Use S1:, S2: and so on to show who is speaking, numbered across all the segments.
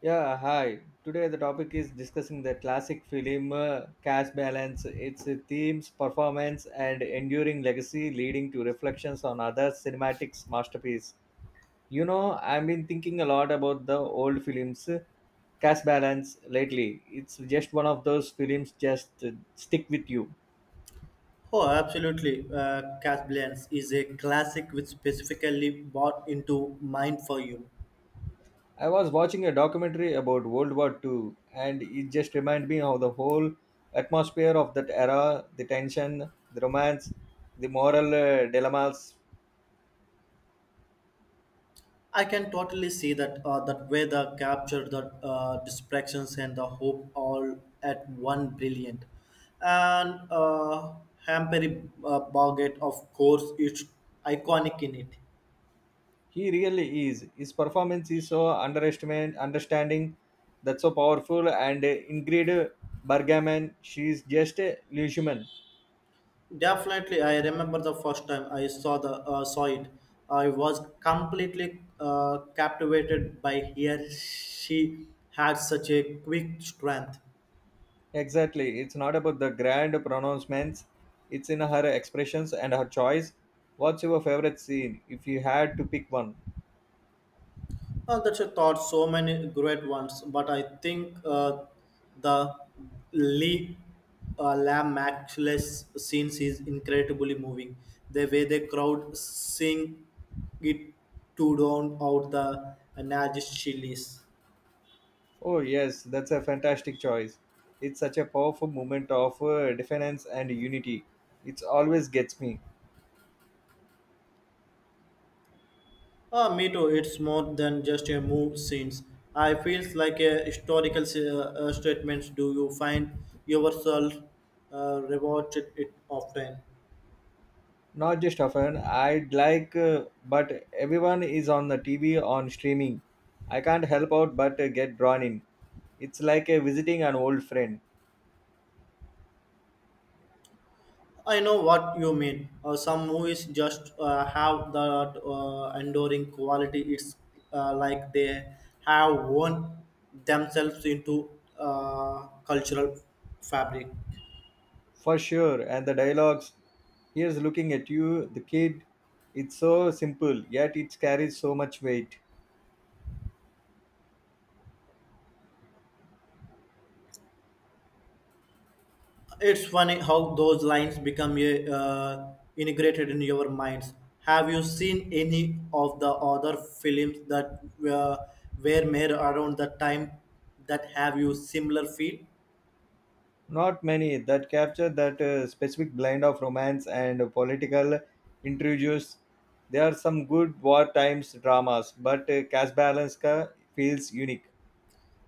S1: Yeah, hi. Today the topic is discussing the classic film Cash Balance, its themes, performance, and enduring legacy, leading to reflections on other cinematics masterpiece. You know, I've been thinking a lot about the old films, Cash Balance lately. It's just one of those films just stick with you.
S2: Oh, absolutely. Casablanca is a classic which specifically brought into mind for you.
S1: I was watching a documentary about World War Two, and it just reminded me of the whole atmosphere of that era the tension, the romance, the moral dilemmas.
S2: I can totally see that that way the capture the distractions and the hope all at one brilliant. And Hampery Bargate, of course, is iconic in it.
S1: He really is. His performance is so underestimate, understanding, that's so powerful, and Ingrid Bergman, she's just a illusion.
S2: Definitely, I remember the first time I saw the saw it. I was completely captivated by her. She had such a quick strength.
S1: Exactly. It's not about the grand pronouncements, it's in her expressions and her choice. What's your favorite scene if you had to pick one?
S2: That's a thought. So many great ones, but I think the Lee Lam Maxwell's scenes is incredibly moving. The way the crowd sing it to drown out the Nazi chilies.
S1: Oh, yes, that's a fantastic choice. It's such a powerful moment of defiance and unity. It always gets me.
S2: Ah, me too. It's more than just a move scenes. I feels like a historical statements. Do you find yourself rewarded it often?
S1: Not just often, I'd like, but everyone is on the TV on streaming. I can't help out but get drawn in. It's like visiting an old friend,
S2: I know what you mean. Some movies just have that enduring quality. It's like they have worn themselves into cultural fabric.
S1: for sure. And the dialogues, here's looking at you, the kid. It's so simple, yet it carries so much weight.
S2: It's funny how those lines become uh, integrated in your minds. Have you seen any of the other films that uh, were made around the time that have you similar feel?
S1: Not many that capture that specific blend of romance and political intrigues. There are some good war times dramas, but Casablanca feels unique.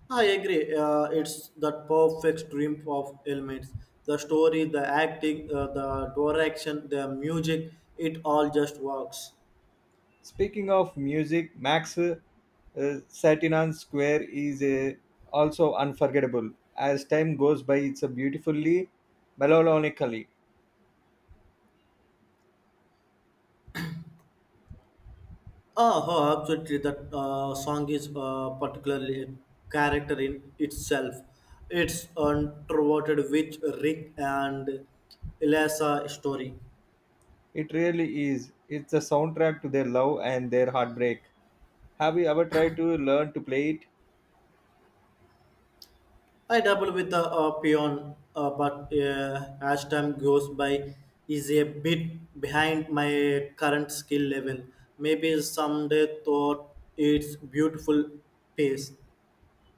S2: I agree. It's the perfect dream of elements. The story, the acting, the direction, the music, it all just works.
S1: Speaking of music, Max Satinan Square is also unforgettable. As time goes by, it's a beautifully melancholically.
S2: Oh, oh, absolutely. That song is particularly a character in itself. It's untroverted with Rick and Eliza story.
S1: It really is. It's a soundtrack to their love and their heartbreak. Have you ever tried to learn to play it?
S2: I double with the peon, but as time goes by, is a bit behind my current skill level. Maybe someday thought it's beautiful pace.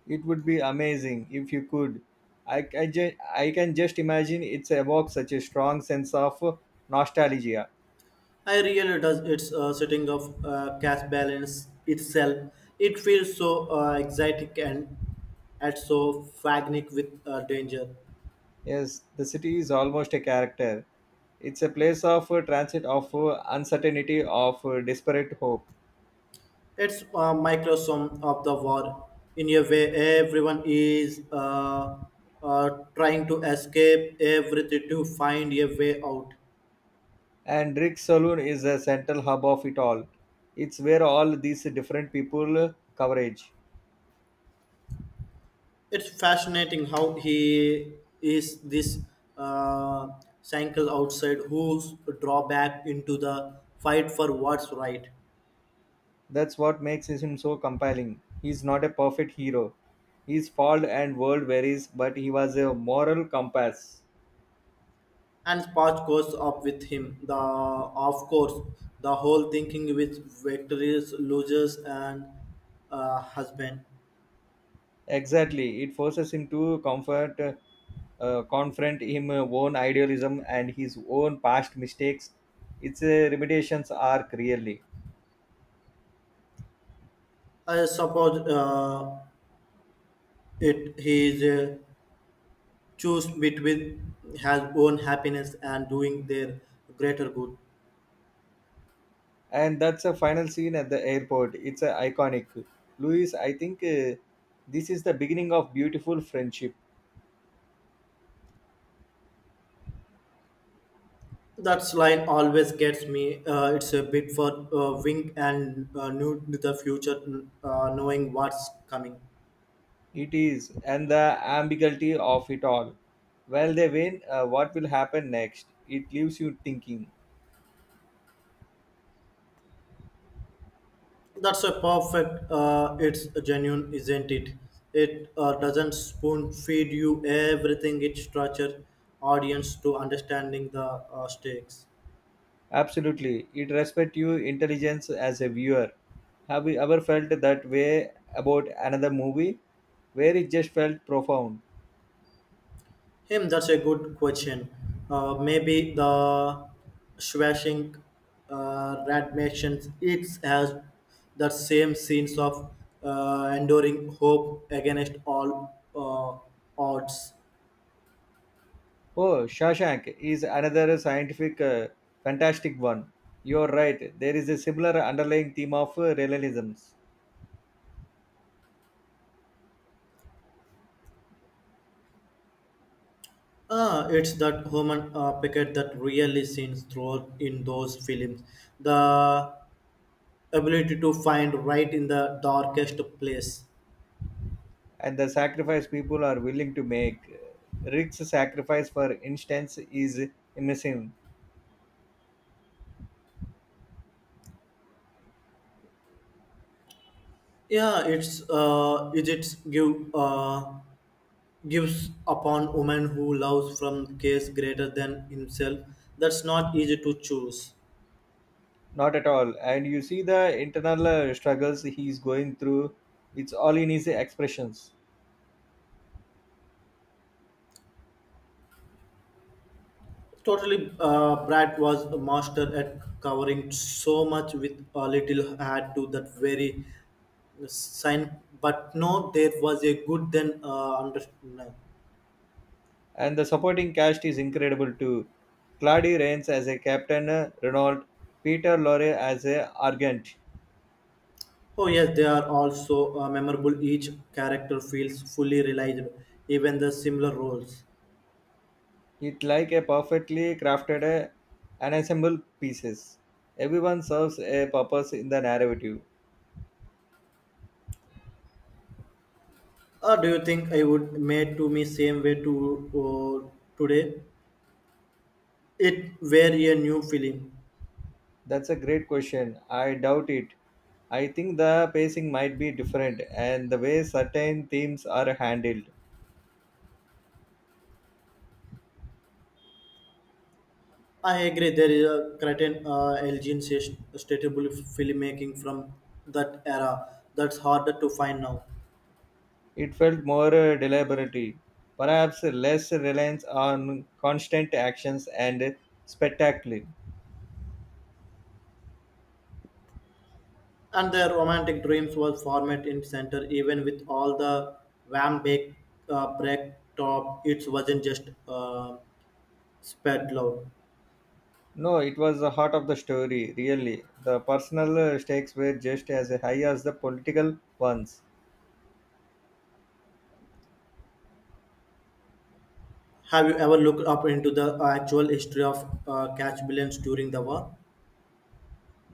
S1: It would be amazing if you could. I can just imagine it evokes such a strong sense of nostalgia.
S2: I really does its setting of cash balance itself. It feels so exotic and at so fagnic with danger.
S1: Yes, the city is almost a character. It's a place of transit, of uncertainty, of desperate hope.
S2: It's a microsome of the war. In a way, everyone is uh, trying to escape everything to find a way out.
S1: And Rick's Saloon is the central hub of it all. It's where all these different people coverage.
S2: It's fascinating how he is this uh, cycle outside who's draw back into the fight for what's right.
S1: That's what makes him so compelling. He's not a perfect hero. His fault and world varies, but he was a moral compass.
S2: And Spot goes up with him. The of course, the whole thinking with victories, losers, and husband.
S1: Exactly. It forces him to confront him own idealism and his own past mistakes. It's a remediation's arc, really.
S2: I suppose it he is choose between his own happiness and doing their greater good.
S1: And that's a final scene at the airport. It's a iconic. Louis, I think this is the beginning of beautiful friendship.
S2: That line always gets me. It's a bit for wink and new to the future, knowing what's coming.
S1: It is, and the ambiguity of it all. While they win, what will happen next? It leaves you thinking.
S2: That's a perfect. It's genuine, isn't it? It doesn't spoon feed you everything. It structure audience to understanding the stakes.
S1: Absolutely, it respects your intelligence as a viewer. Have you ever felt that way about another movie where it just felt profound?
S2: Him, that's a good question. Maybe the swashing radmations. It has the same scenes of enduring hope against all odds.
S1: Oh, Shawshank is another scientific, fantastic one. You're right. There is a similar underlying theme of realism
S2: Ah, it's that human picket that really seems throughout in those films. The ability to find right in the darkest place.
S1: and the sacrifice people are willing to make. Rick's sacrifice, for instance, is immersive.
S2: Yeah, it's is it give gives upon woman who loves from case greater than himself. That's not easy to choose.
S1: Not at all. And you see the internal struggles he's going through. It's all in his expressions.
S2: Totally, Brad was a master at covering so much with a little had to that very sign but no there was a good then under no.
S1: And the supporting cast is incredible too. Claudie Rains as a Captain Renault, Peter Lorre as a Argent.
S2: Oh, yes, they are also memorable, each character feels fully realized, even the similar roles.
S1: It like a perfectly crafted ensemble pieces. Everyone serves a purpose in the narrative.
S2: Or do you think I would made to me same way to uh, today it were a new film?
S1: That's a great question. I doubt it. I think the pacing might be different and the way certain themes are handled.
S2: I agree, there is a certain elgin statable filmmaking from that era that's harder to find now.
S1: It felt more deliberate, perhaps less reliance on constant actions and spectacle.
S2: And their romantic dreams was formed in center, even with all the wham bake break top, it wasn't just spread love.
S1: No, it was the heart of the story, really. The personal stakes were just as high as the political ones.
S2: Have you ever looked up into the actual history of catch billions during the war?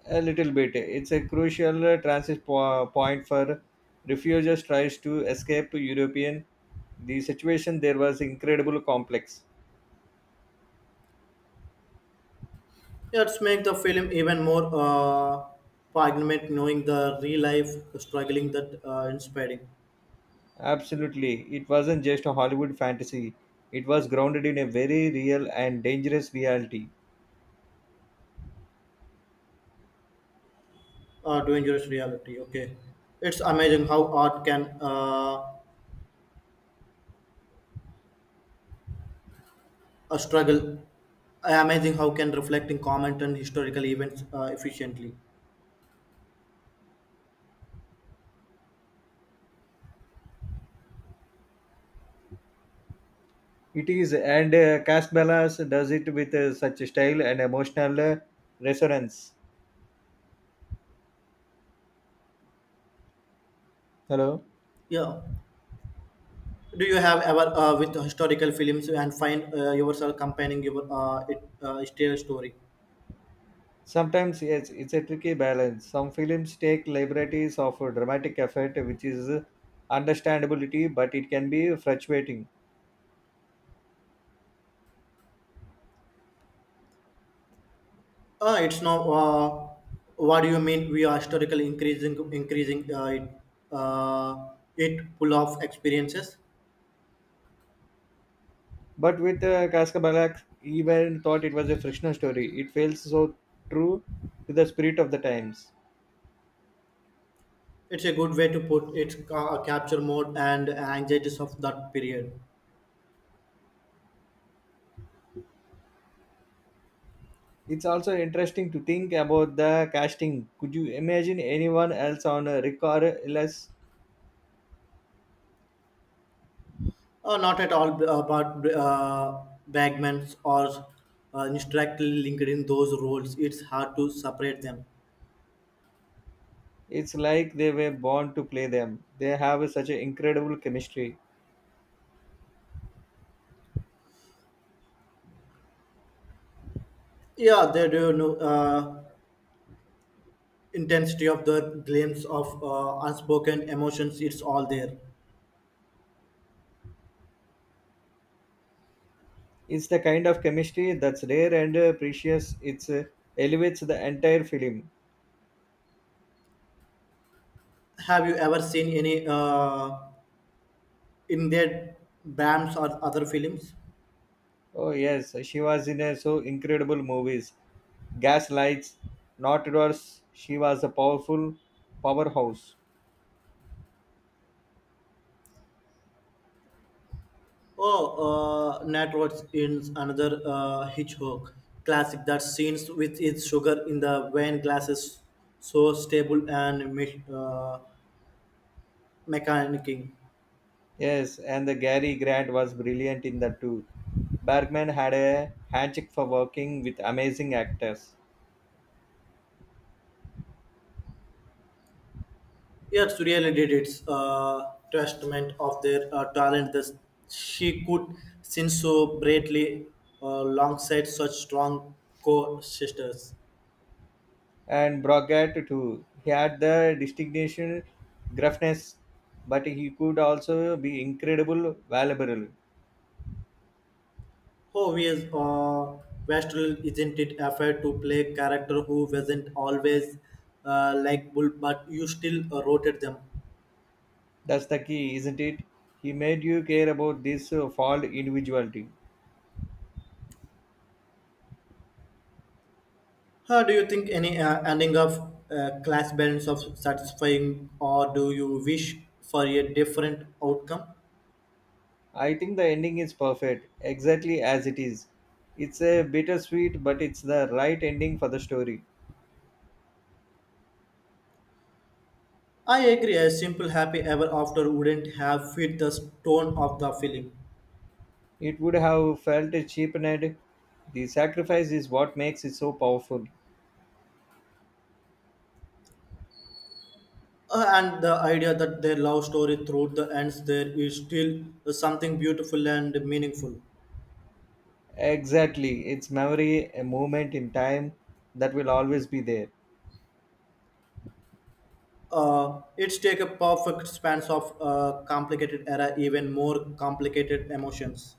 S1: A little bit. It's a crucial point for refugees tries to escape European. The situation there was incredible complex.
S2: Let's make the film even more poignant, knowing the real life struggling that inspiring
S1: Absolutely. It wasn't just a Hollywood fantasy. It was grounded in a very real and dangerous reality.
S2: dangerous reality. Okay, it's amazing how art can a struggle. Amazing how can reflecting comment on historical events efficiently.
S1: It is, and Casbalas does it with such style and emotional resonance. Hello.
S2: Yeah. Do you have ever with historical films and find yourself comparing your it, still story?
S1: Sometimes, yes, it's a tricky balance. Some films take liberties of a dramatic effect, which is understandability, but it can be frustrating.
S2: It's not. What do you mean? We are historical increasing it uh, it full of experiences.
S1: But with Kaskabalak, even thought it was a fictional story, it feels so true to the spirit of the times.
S2: It's a good way to put it. Capture mode and anxieties of that period.
S1: It's also interesting to think about the casting. Could you imagine anyone else on Rick or Ellis?
S2: Not at all about bagmans or directly linked in those roles. It's hard to separate them.
S1: It's like they were born to play them. They have such an incredible chemistry.
S2: Yeah, they do know intensity of the glimpse of unspoken emotions. It's all there.
S1: It's the kind of chemistry that's rare and precious. It elevates the entire film.
S2: Have you ever seen any in their bands or other films?
S1: Oh yes, she was in so incredible movies. Gaslights, Not Doors. She was a powerful powerhouse.
S2: Oh, Nat Rhodes in another Hitchcock classic, that scenes with its sugar in the wine glasses so stable and mechanicing.
S1: Yes, and the Gary Grant was brilliant in that too. Bergman had a handshake for working with amazing actors.
S2: Yes, really did. It's a testament of their talent that she could sing so bravely uh, alongside such strong co-sisters.
S1: And Brockett too. He had the distinction gruffness, but he could also be incredible valuable.
S2: Oh, we is Westall, isn't it a fair to play character who wasn't always likable, but you still rotated them.
S1: That's the key, isn't it? He made you care about this flawed individuality.
S2: How do you think any ending of class balance of satisfying, or do you wish for a different outcome?
S1: I think the ending is perfect, exactly as it is. It's a bittersweet, but it's the right ending for the story.
S2: I agree, a simple happy ever after wouldn't have fit the tone of the film.
S1: It would have felt cheapened. The sacrifice is what makes it so powerful.
S2: And the idea that their love story through the ends there is still something beautiful and meaningful.
S1: Exactly, it's memory, a moment in time that will always be there.
S2: It's take a perfect span of complicated era, even more complicated emotions.